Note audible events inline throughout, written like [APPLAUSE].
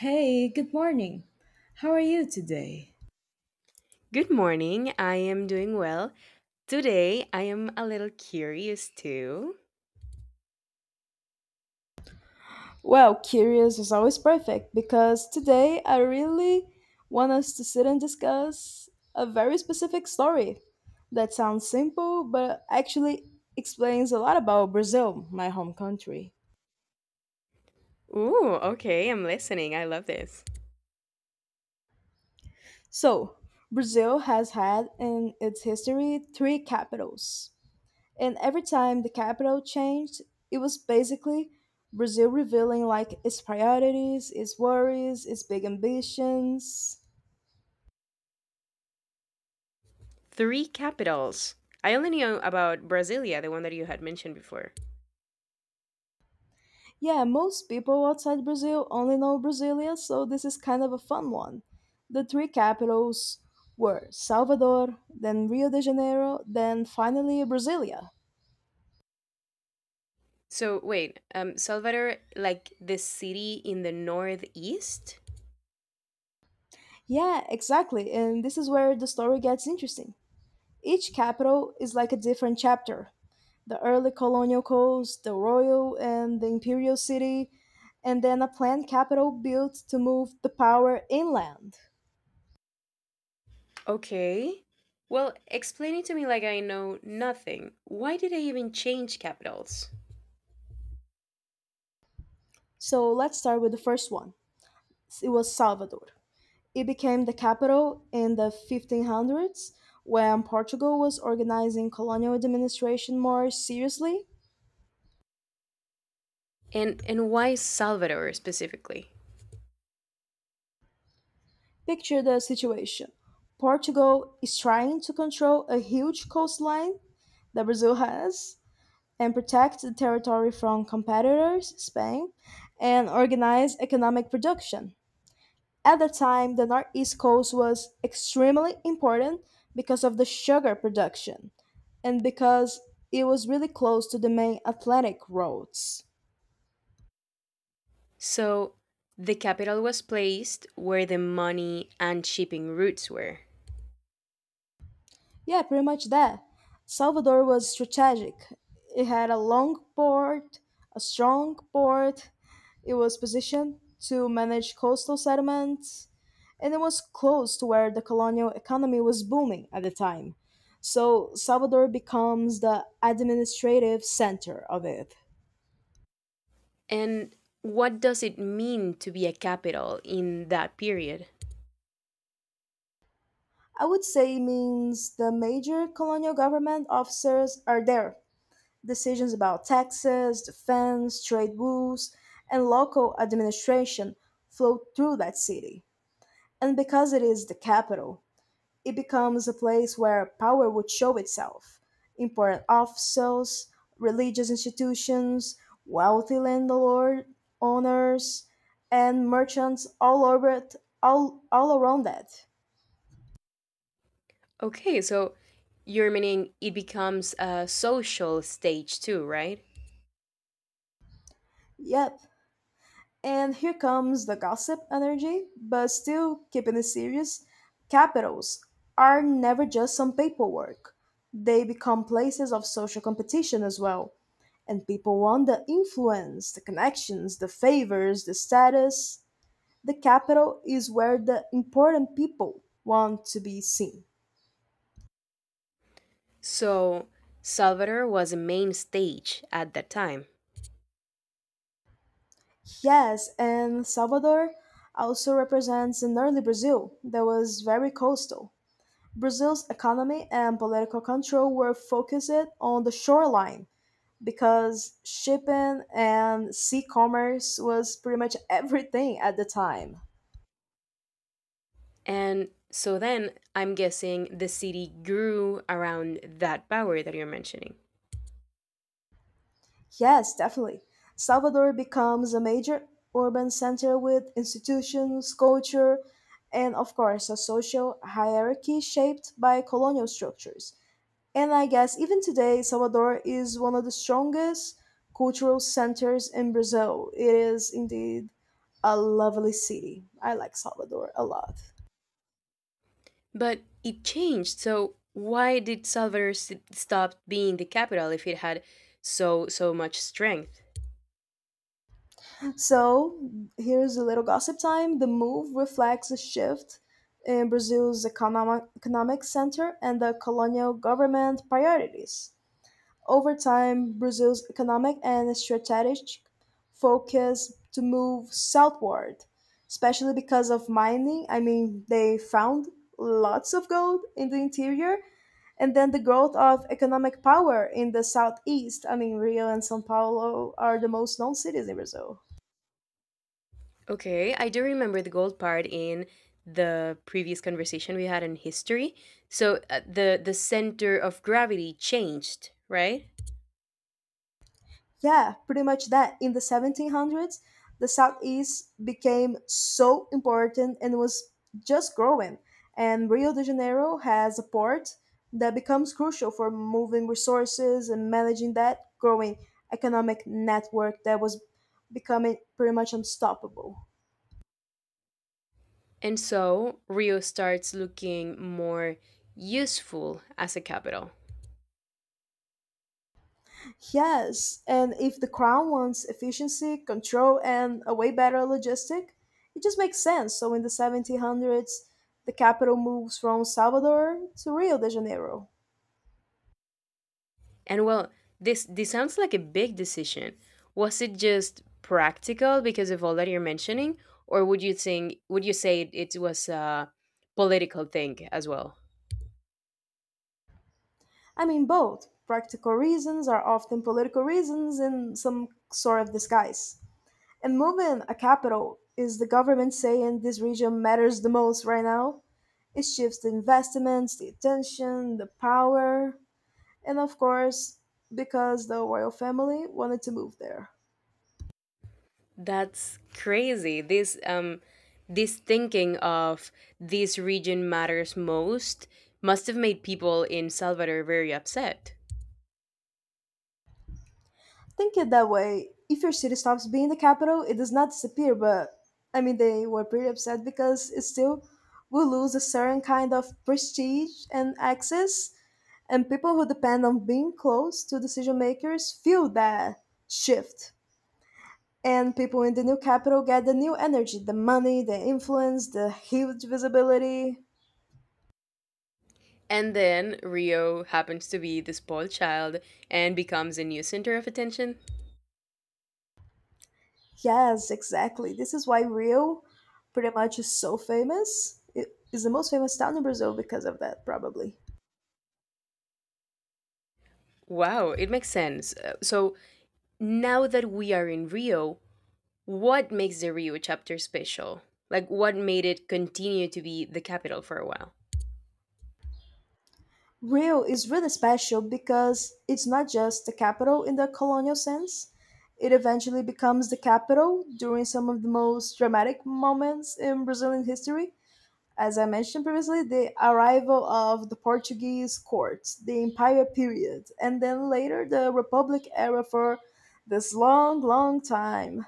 Hey, good morning. How are you today? Good morning. I am doing well. Today, I am a little curious too. Well, curious is always perfect because today I really want us to sit and discuss a very specific story that sounds simple but actually explains a lot about Brazil, my home country. Ooh, okay. I'm listening. I love this. So, Brazil has had in its history three capitals. And every time the capital changed, it was basically Brazil revealing like its priorities, its worries, its big ambitions. Three capitals. I only knew about Brasilia, the one that you had mentioned before. Yeah, most people outside Brazil only know Brasilia, so this is kind of a fun one. The three capitals were Salvador, then Rio de Janeiro, then finally Brasilia. So, wait, Salvador, like the city in the northeast? Yeah, exactly, and this is where the story gets interesting. Each capital is like a different chapter: the early colonial codes, the royal and the imperial city, and then a planned capital built to move the power inland. Okay. Well, explain it to me like I know nothing. Why did they even change capitals? So let's start with the first one. It was Salvador. It became the capital in the 1500s when Portugal was organizing colonial administration more seriously. And why Salvador specifically? Picture the situation: Portugal is trying to control a huge coastline that Brazil has and protect the territory from competitors, Spain, and organize economic production. At the time, the northeast coast was extremely important because of the sugar production and because it was really close to the main Atlantic routes. So the capital was placed where the money and shipping routes were. Yeah, pretty much that. Salvador was strategic. It had a long port, a strong port. It was positioned to manage coastal settlements, and it was close to where the colonial economy was booming at the time. So Salvador becomes the administrative center of it. And what does it mean to be a capital in that period? I would say means the major colonial government officers are there. Decisions about taxes, defense, trade rules, and local administration flow through that city. And because it is the capital, it becomes a place where power would show itself. Important officials, religious institutions, wealthy landlord owners, and merchants all over it, all around that. Okay, so you're meaning it becomes a social stage too, right? Yep. And here comes the gossip energy, but still keeping it serious. Capitals are never just some paperwork, they become places of social competition as well. And people want the influence, the connections, the favors, the status. The capital is where the important people want to be seen. So Salvador was a main stage at that time. Yes, and Salvador also represents an early Brazil that was very coastal. Brazil's economy and political control were focused on the shoreline because shipping and sea commerce was pretty much [LAUGHS] everything at the time. And so then I'm guessing the city grew around that power that you're mentioning. Yes, definitely. Salvador becomes a major urban center with institutions, culture, and of course, a social hierarchy shaped by colonial structures. And I guess even today, Salvador is one of the strongest cultural centers in Brazil. It is indeed a lovely city. I like Salvador a lot. But it changed. So why did stop being the capital if it had so much strength? So, here's a little gossip time. The move reflects a shift in Brazil's economic center and the colonial government priorities. Over time Brazil's economic and strategic focus to move southward, especially because of mining. I mean, they found lots of gold in the interior and then the growth of economic power in the southeast. I mean, Rio and São Paulo are the most known cities in Brazil. Okay, I do remember the gold part in the previous conversation we had in history. So the center of gravity changed, right? Yeah, pretty much that. In the 1700s, the Southeast became so important and was just growing. And Rio de Janeiro has a port that becomes crucial for moving resources and managing that growing economic network that was becoming pretty much unstoppable. And so Rio starts looking more useful as a capital. Yes, and if the crown wants efficiency, control, and a way better logistic, it just makes sense. So in the 1700s, the capital moves from Salvador to Rio de Janeiro. And well, this sounds like a big decision. Was it just practical because of all that you're mentioning, or would you say it was a political thing as well? I mean, both practical reasons are often political reasons in some sort of disguise. And moving a capital is the government saying this region matters the most right now. It shifts the investments, the attention, the power. And of course, because the royal family wanted to move there. That's crazy. This this thinking of this region matters most must have made people in Salvador very upset. Think it that way. If your city stops being the capital, it does not disappear, but I mean, they were pretty upset because it still will lose a certain kind of prestige and access, and people who depend on being close to decision makers feel that shift. And people in the new capital get the new energy, the money, the influence, the huge visibility. And then Rio happens to be the spoiled child and becomes a new center of attention. Yes, exactly. This is why Rio pretty much is so famous. It is the most famous town in Brazil because of that, probably. Wow, it makes sense. So now that we are in Rio, what makes the Rio chapter special? Like, what made it continue to be the capital for a while? Rio is really special because it's not just the capital in the colonial sense. It eventually becomes the capital during some of the most dramatic moments in Brazilian history. As I mentioned previously, the arrival of the Portuguese court, the empire period, and then later the republic era for this long, long time.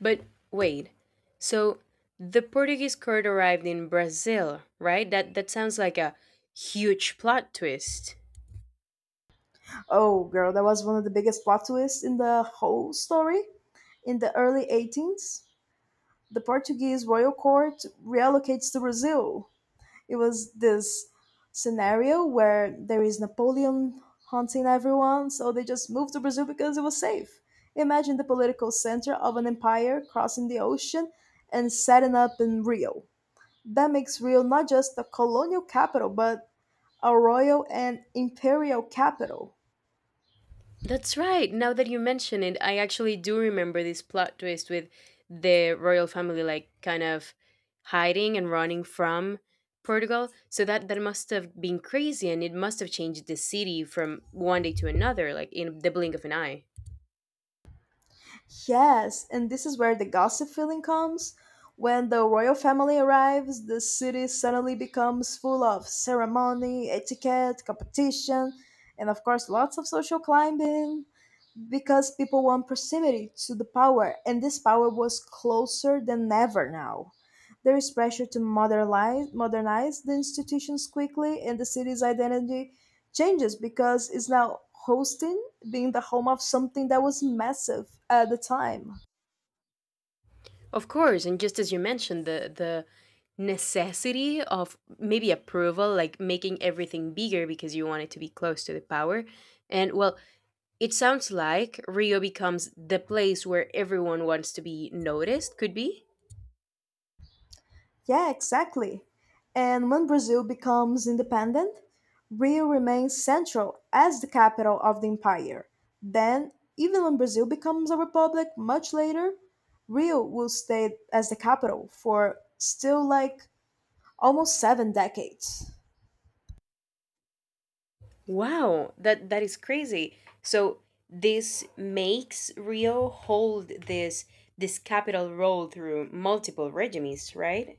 But wait, so the Portuguese court arrived in Brazil, right? That sounds like a huge plot twist. Oh, girl, that was one of the biggest plot twists in the whole story. In the early 18s, the Portuguese royal court reallocates to Brazil. It was this scenario where there is Napoleon hunting everyone, so they just moved to Brazil because it was safe. Imagine the political center of an empire crossing the ocean and setting up in Rio. That makes Rio not just a colonial capital, but a royal and imperial capital. That's right. Now that you mention it, I actually do remember this plot twist with the royal family like kind of hiding and running from Portugal. So that must have been crazy and it must have changed the city from one day to another like in the blink of an eye. Yes, and this is where the gossip feeling comes. When the royal family arrives, the city suddenly becomes full of ceremony, etiquette, competition, and of course, lots of social climbing because people want proximity to the power, and this power was closer than ever now. There is pressure to modernize the institutions quickly, and the city's identity changes because it's now hosting being the home of something that was massive at the time. Of course, and just as you mentioned the necessity of maybe approval like making everything bigger because you want it to be close to the power. And well, it sounds like Rio becomes the place where everyone wants to be noticed, could be? Yeah, exactly. And when Brazil becomes independent, Rio remains central as the capital of the empire. Then, even when Brazil becomes a republic much later, Rio will stay as the capital for still like almost 7 decades. Wow, that is crazy. So this makes Rio hold this capital role through multiple regimes, right?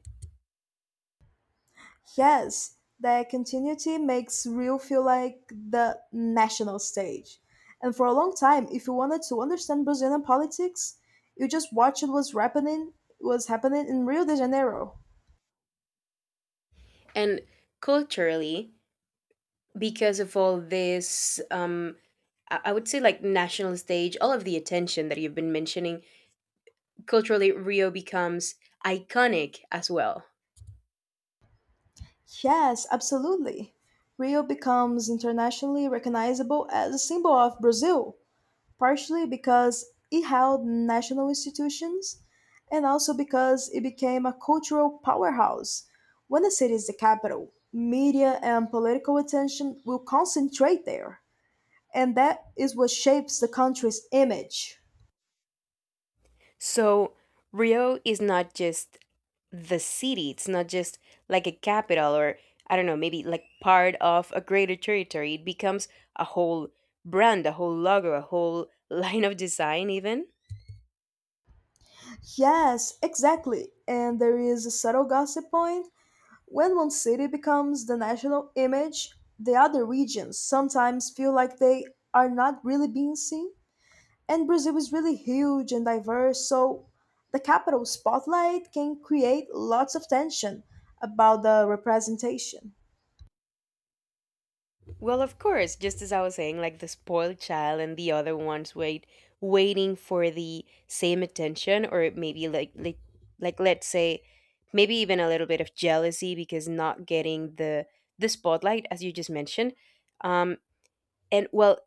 Yes, that continuity makes Rio feel like the national stage. And for a long time, if you wanted to understand Brazilian politics, you just watched what was happening in Rio de Janeiro. And culturally, because of all this, I would say like national stage, all of the attention that you've been mentioning, culturally Rio becomes iconic as well. Yes, absolutely. Rio becomes internationally recognizable as a symbol of Brazil, partially because it held national institutions and also because it became a cultural powerhouse. When a city is the capital, media and political attention will concentrate there, and that is what shapes the country's image. So Rio is not just the city, it's not just like a capital or I don't know, maybe like part of a greater territory. It becomes a whole brand, a whole logo, a whole [LAUGHS] line of design even. Yes, exactly. And there is a subtle gossip point. When one city becomes the national image, the other regions sometimes feel like they are not really being seen. And Brazil is really huge and diverse, so the capital spotlight can create lots of tension about the representation. Well, of course, just as I was saying, like the spoiled child and the other ones waiting for the same attention, or maybe like let's say maybe even a little bit of jealousy because not getting the spotlight as you just mentioned, um, and well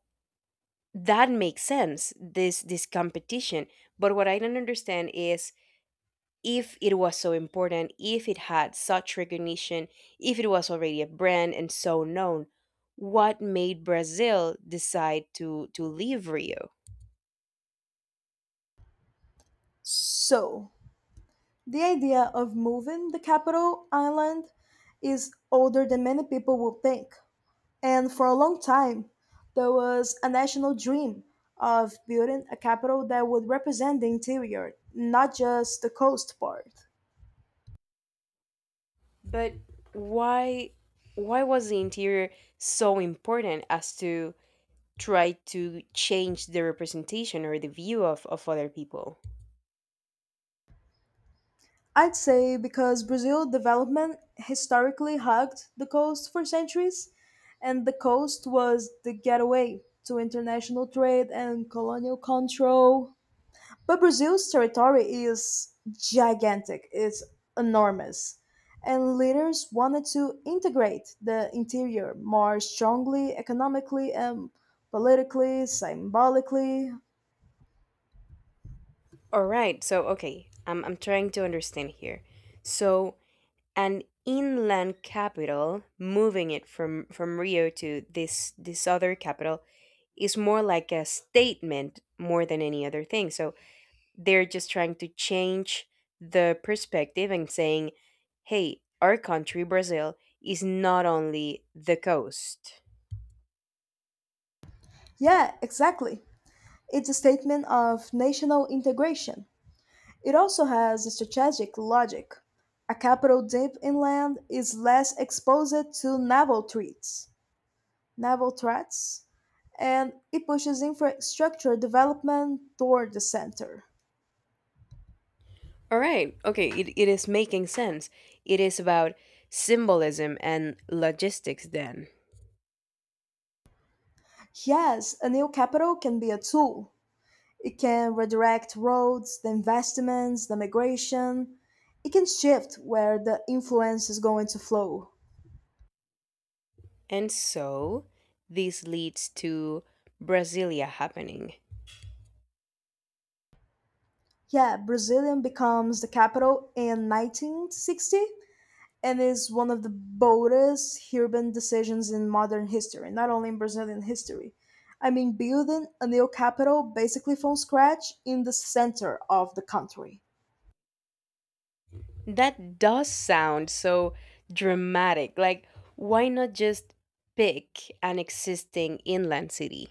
that makes sense, this competition. But what I don't understand is, if it was so important, if it had such recognition, if it was already a brand and so known, what made Brazil decide to leave Rio? So, the idea of moving the capital island is older than many people would think. And for a long time, there was a national dream of building a capital that would represent the interior, not just the coast part. But why why was the interior so important as to try to change the representation or the view of other people? I'd say because Brazil development historically hugged the coast for centuries, and the coast was the getaway to international trade and colonial control. But Brazil's territory is gigantic, it's enormous, and leaders wanted to integrate the interior more strongly economically and politically, symbolically. All right, so okay, I'm trying to understand here. So an inland capital, moving it from Rio to this other capital is more like a statement more than any other thing. So they're just trying to change the perspective and saying, "Hey, our country, Brazil, is not only the coast." Yeah, exactly. It's a statement of national integration. It also has strategic logic: a capital deep inland is less exposed to naval threats, and it pushes infrastructure development toward the center. All right. Okay, it is making sense. It is about symbolism and logistics then. Yes, a new capital can be a tool. It can redirect roads, the investments, the migration. It can shift where the influence is going to flow. And so this leads to Brasilia happening. Yeah, Brazilian becomes the capital in 1960 and is one of the boldest urban decisions in modern history, not only in Brazilian history. I mean, building a new capital basically from scratch in the center of the country. That does sound so dramatic. Like, why not just pick an existing inland city?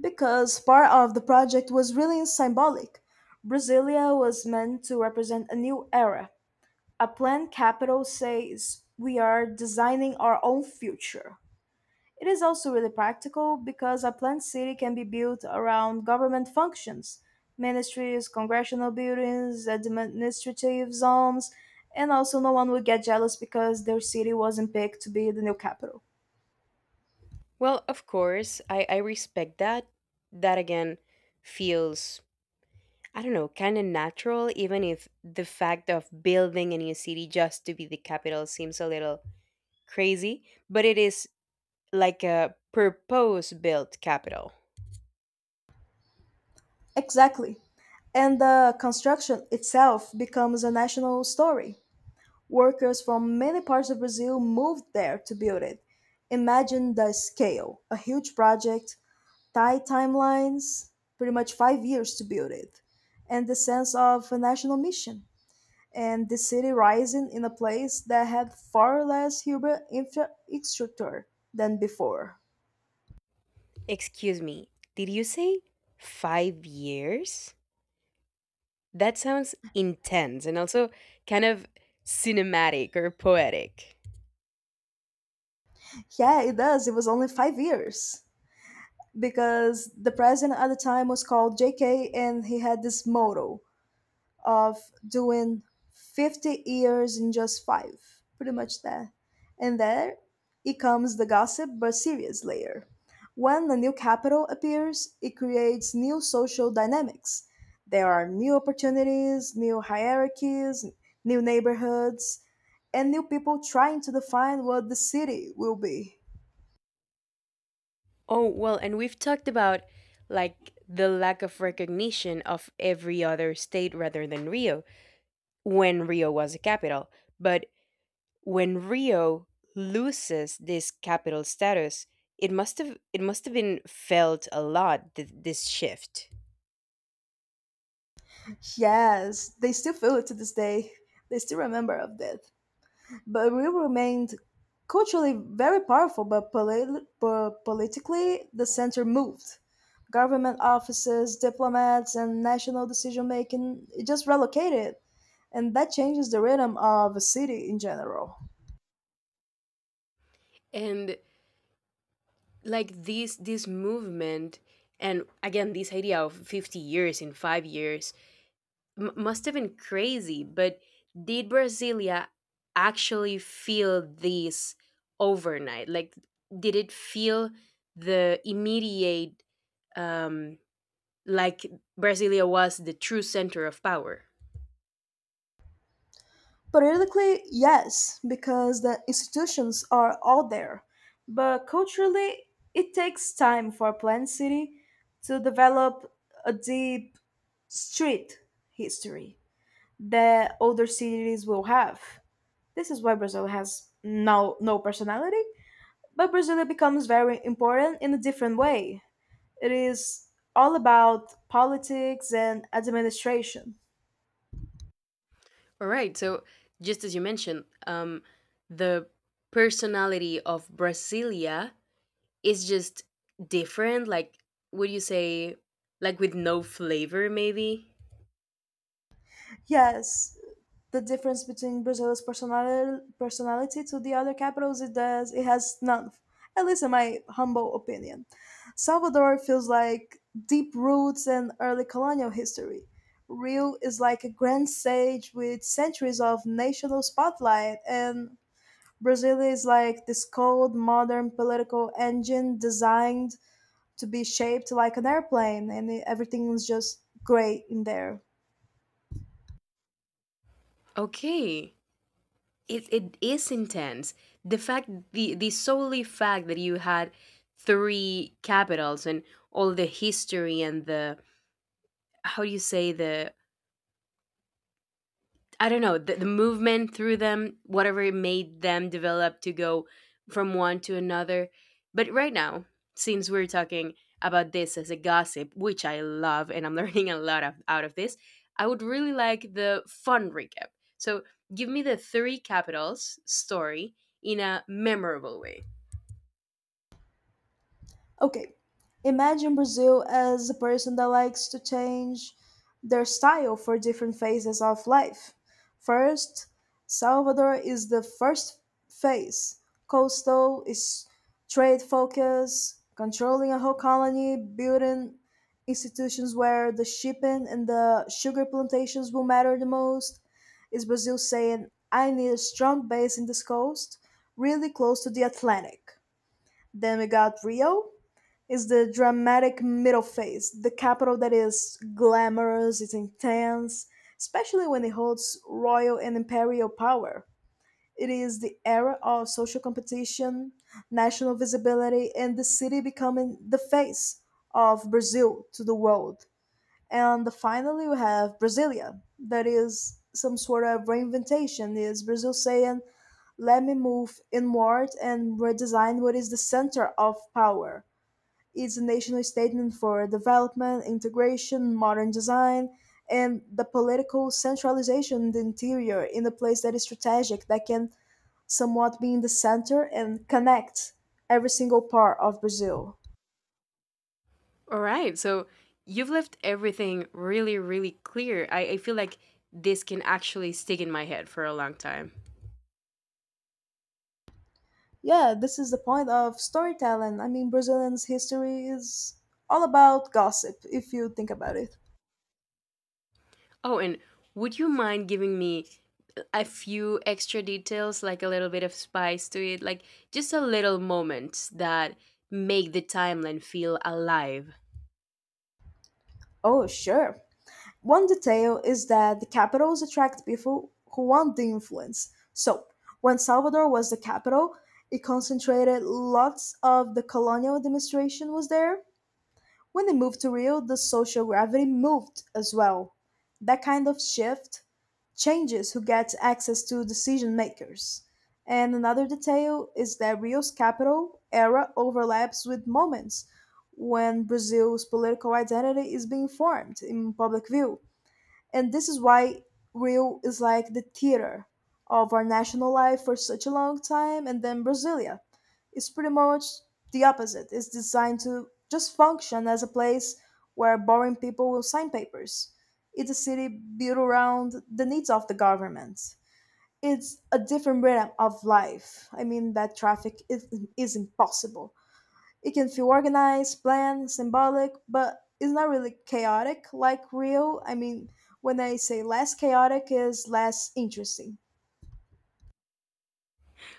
Because part of the project was really symbolic. Brasilia was meant to represent a new era. A planned capital says we are designing our own future. It is also really practical because a planned city can be built around government functions, ministries, congressional buildings, administrative zones, and also no one would get jealous because their city wasn't picked to be the new capital. Well, of course, I respect that. That again feels, I don't know, kind of natural, even if the fact of building a new city just to be the capital seems a little crazy, but it is like a purpose built capital. Exactly. And the construction itself becomes a national story. Workers from many parts of Brazil moved there to build it. Imagine the scale, a huge project, Thai timelines, pretty much 5 years to build it, and the sense of a national mission, and the city rising in a place that had far less urban infrastructure than before. Excuse me, did you say five years? That sounds intense and also kind of cinematic or poetic. Yeah, it does. It was only 5 years because the president at the time was called JK and he had this motto of doing 50 years in just five, pretty much that. And there it comes the gossip but serious layer. When the new capital appears, it creates new social dynamics. There are new opportunities, new hierarchies, new neighborhoods, and new people trying to define what the city will be. Oh, well, and we've talked about like the lack of recognition of every other state rather than Rio when Rio was a capital. But when Rio loses this capital status, it must have been felt a lot, this shift. Yes, they still feel it to this day. They still remember of that. But we remained culturally very powerful, but, but politically the center moved. Government offices, diplomats, and national decision making it just relocated, and that changes the rhythm of a city in general. And like this movement, and again this idea of 50 years in 5 years, must have been crazy. But did Brasilia actually feel this overnight? Like, did it feel the immediate, um, like Brasilia was the true center of power? Politically, yes, because the institutions are all there, but culturally, it takes time for a planned city to develop a deep street history that other cities will have. This is why Brazil has no personality, but Brazil becomes very important in a different way. It is all about politics and administration. All right. So, just as you mentioned, the personality of Brasilia is just different. Like, would you say, like with no flavor, maybe? Yes, the difference between Brazil's personality to the other capitals, it has none. At least in my humble opinion, Salvador feels like deep roots and early colonial history. Rio is like a grand stage with centuries of national spotlight, and Brazil is like this cold, modern political engine designed to be shaped like an airplane, and everything is just great in there. Okay. It is intense. The solely fact that you had three capitals and all the history, and the how do you say the I don't know, the movement through them, whatever it made them develop to go from one to another. But right now, since we're talking about this as a gossip, which I love and I'm [LAUGHS] learning a lot of, out of this, I would really like the fun recap. So give me the three capitals story in a memorable way. Okay, imagine Brazil as a person that likes to change their style for different phases of life. First, Salvador is the first phase. Coastal is trade focus, controlling a whole colony, building institutions where the shipping and the sugar plantations will matter the most. Is Brazil saying, I need a strong base in this coast, really close to the Atlantic? Then we got Rio, is the dramatic middle phase, the capital that is glamorous, it's intense, especially when it holds royal and imperial power. It is the era of social competition, national visibility, and the city becoming the face of Brazil to the world. And finally, we have Brasilia, that is some sort of reinventation. Is Brazil saying, let me move inward and redesign what is the center of power? Is a national statement for development, integration, modern design, and the political centralization in the interior in a place that is strategic, that can somewhat be in the center and connect every single part of Brazil. All right. So you've left everything really, really clear. I feel like this can actually stick in my head for a long time. Yeah, this is the point of storytelling. I mean, Brazilians' history is all about gossip, if you think about it. Oh, and would you mind giving me a few extra details, like a little bit of spice to it, like just a little moments that make the timeline feel alive? Oh, sure. One detail is that the capitals attract people who want the influence. So, when Salvador was the capital, it concentrated lots of the colonial administration was there. When they moved to Rio, the social gravity moved as well. That kind of shift changes who gets access to decision makers. And another detail is that Rio's capital era overlaps with moments when Brazil's political identity is being formed in public view, and this is why Rio is like the theater of our national life for such a long time. And then Brasilia is pretty much the opposite. It's designed to just function as a place where boring people will sign papers. It's a city built around the needs of the government. It's a different rhythm of life. I mean, that traffic is impossible. It can feel organized, planned, symbolic, but it's not really chaotic like real. I mean, when I say less chaotic is less interesting.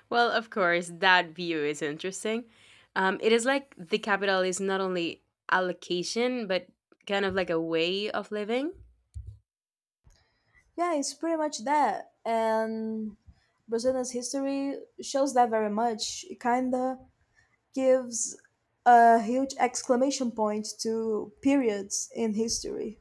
Well, of course, that view is interesting. It is like the capital is not only allocation, but kind of like a way of living. Yeah, it's pretty much that. And Brazilian's history shows that very much. It kinda gives a huge exclamation point to periods in history.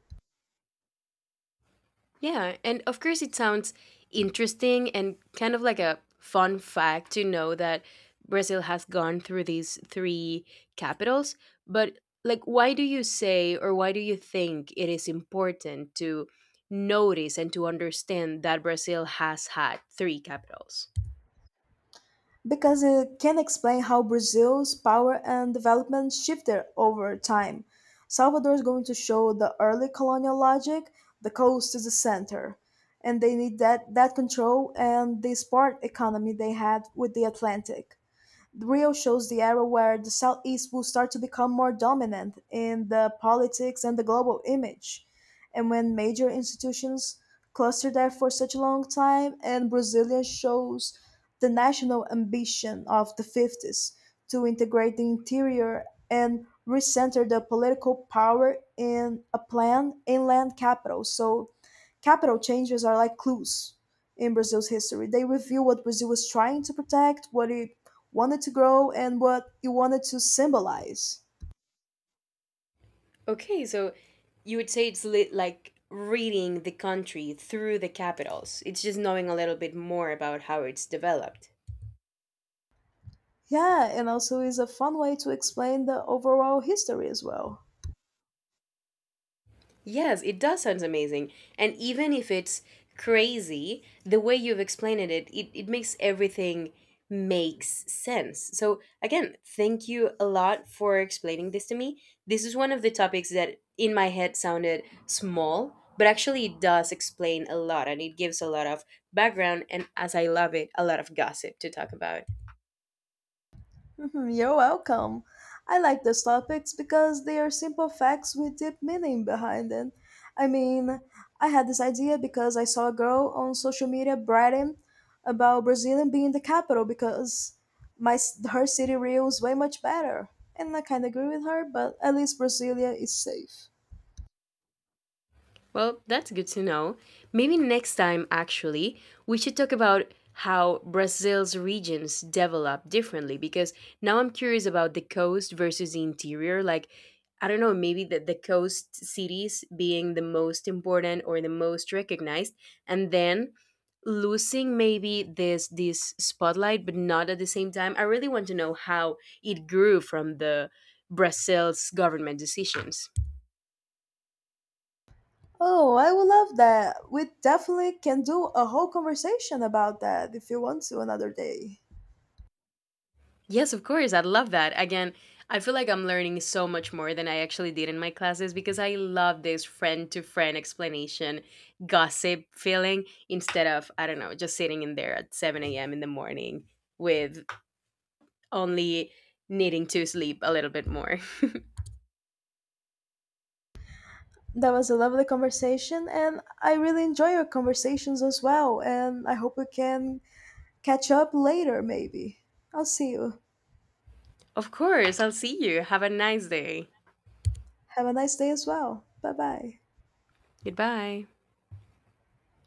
Yeah, and of course, it sounds interesting and kind of like a fun fact to know that Brazil has gone through these three capitals. But, like, why do you say, or why do you think it is important to notice and to understand that Brazil has had three capitals? Because it can explain how Brazil's power and development shifted over time. Salvador is going to show the early colonial logic, the coast is the center, and they need that control and the sport economy they had with the Atlantic. The Rio shows the era where the Southeast will start to become more dominant in the politics and the global image, and when major institutions cluster there for such a long time, and Brazilian shows the national ambition of the 50s to integrate the interior and recenter the political power in a planned inland capital. So Capital changes are like clues in Brazil's history. They reveal what Brazil was trying to protect, what it wanted to grow, and what it wanted to symbolize. Okay, so you would say it's like reading the country through the capitals, it's just knowing a little bit more about how it's developed. Yeah, and also is a fun way to explain the overall history as well. Yes, it does sounds amazing. And even if it's crazy, the way you've explained it, it makes everything makes sense. So again, thank you a lot for explaining this to me. This is one of the topics that in my head sounded small, but actually it does explain a lot, and it gives a lot of background, and as I love it, a lot of gossip to talk about. Mhm. You're welcome. I like those topics because they are simple facts with deep meaning behind them. I mean, I had this idea because I saw a girl on social media bragging about Brazilian being the capital because her city Rio is way much better, and I kind of agree with her. But at least Brasilia is safe. Well, that's good to know. Maybe next time, actually, we should talk about how Brazil's regions develop differently, because now I'm curious about the coast versus the interior. Like, I don't know, maybe the coast cities being the most important or the most recognized, and then losing maybe this spotlight but not at the same time. I really want to know how it grew from the Brazil's government decisions. Oh, I would love that. We definitely can do a whole conversation about that if you want to another day. Yes, of course. I love that. Again, I feel like I'm learning so much more than I actually did in my classes, because I love this friend to friend explanation, gossip feeling, instead of, I don't know, just sitting in there at 7 a.m. in the morning with only needing to sleep a little bit more. [LAUGHS] That was a lovely conversation, and I really enjoy your conversations as well. And I hope we can catch up later, maybe. I'll see you. Of course. I'll see you. Have a nice day. Have a nice day as well. Bye bye. Goodbye.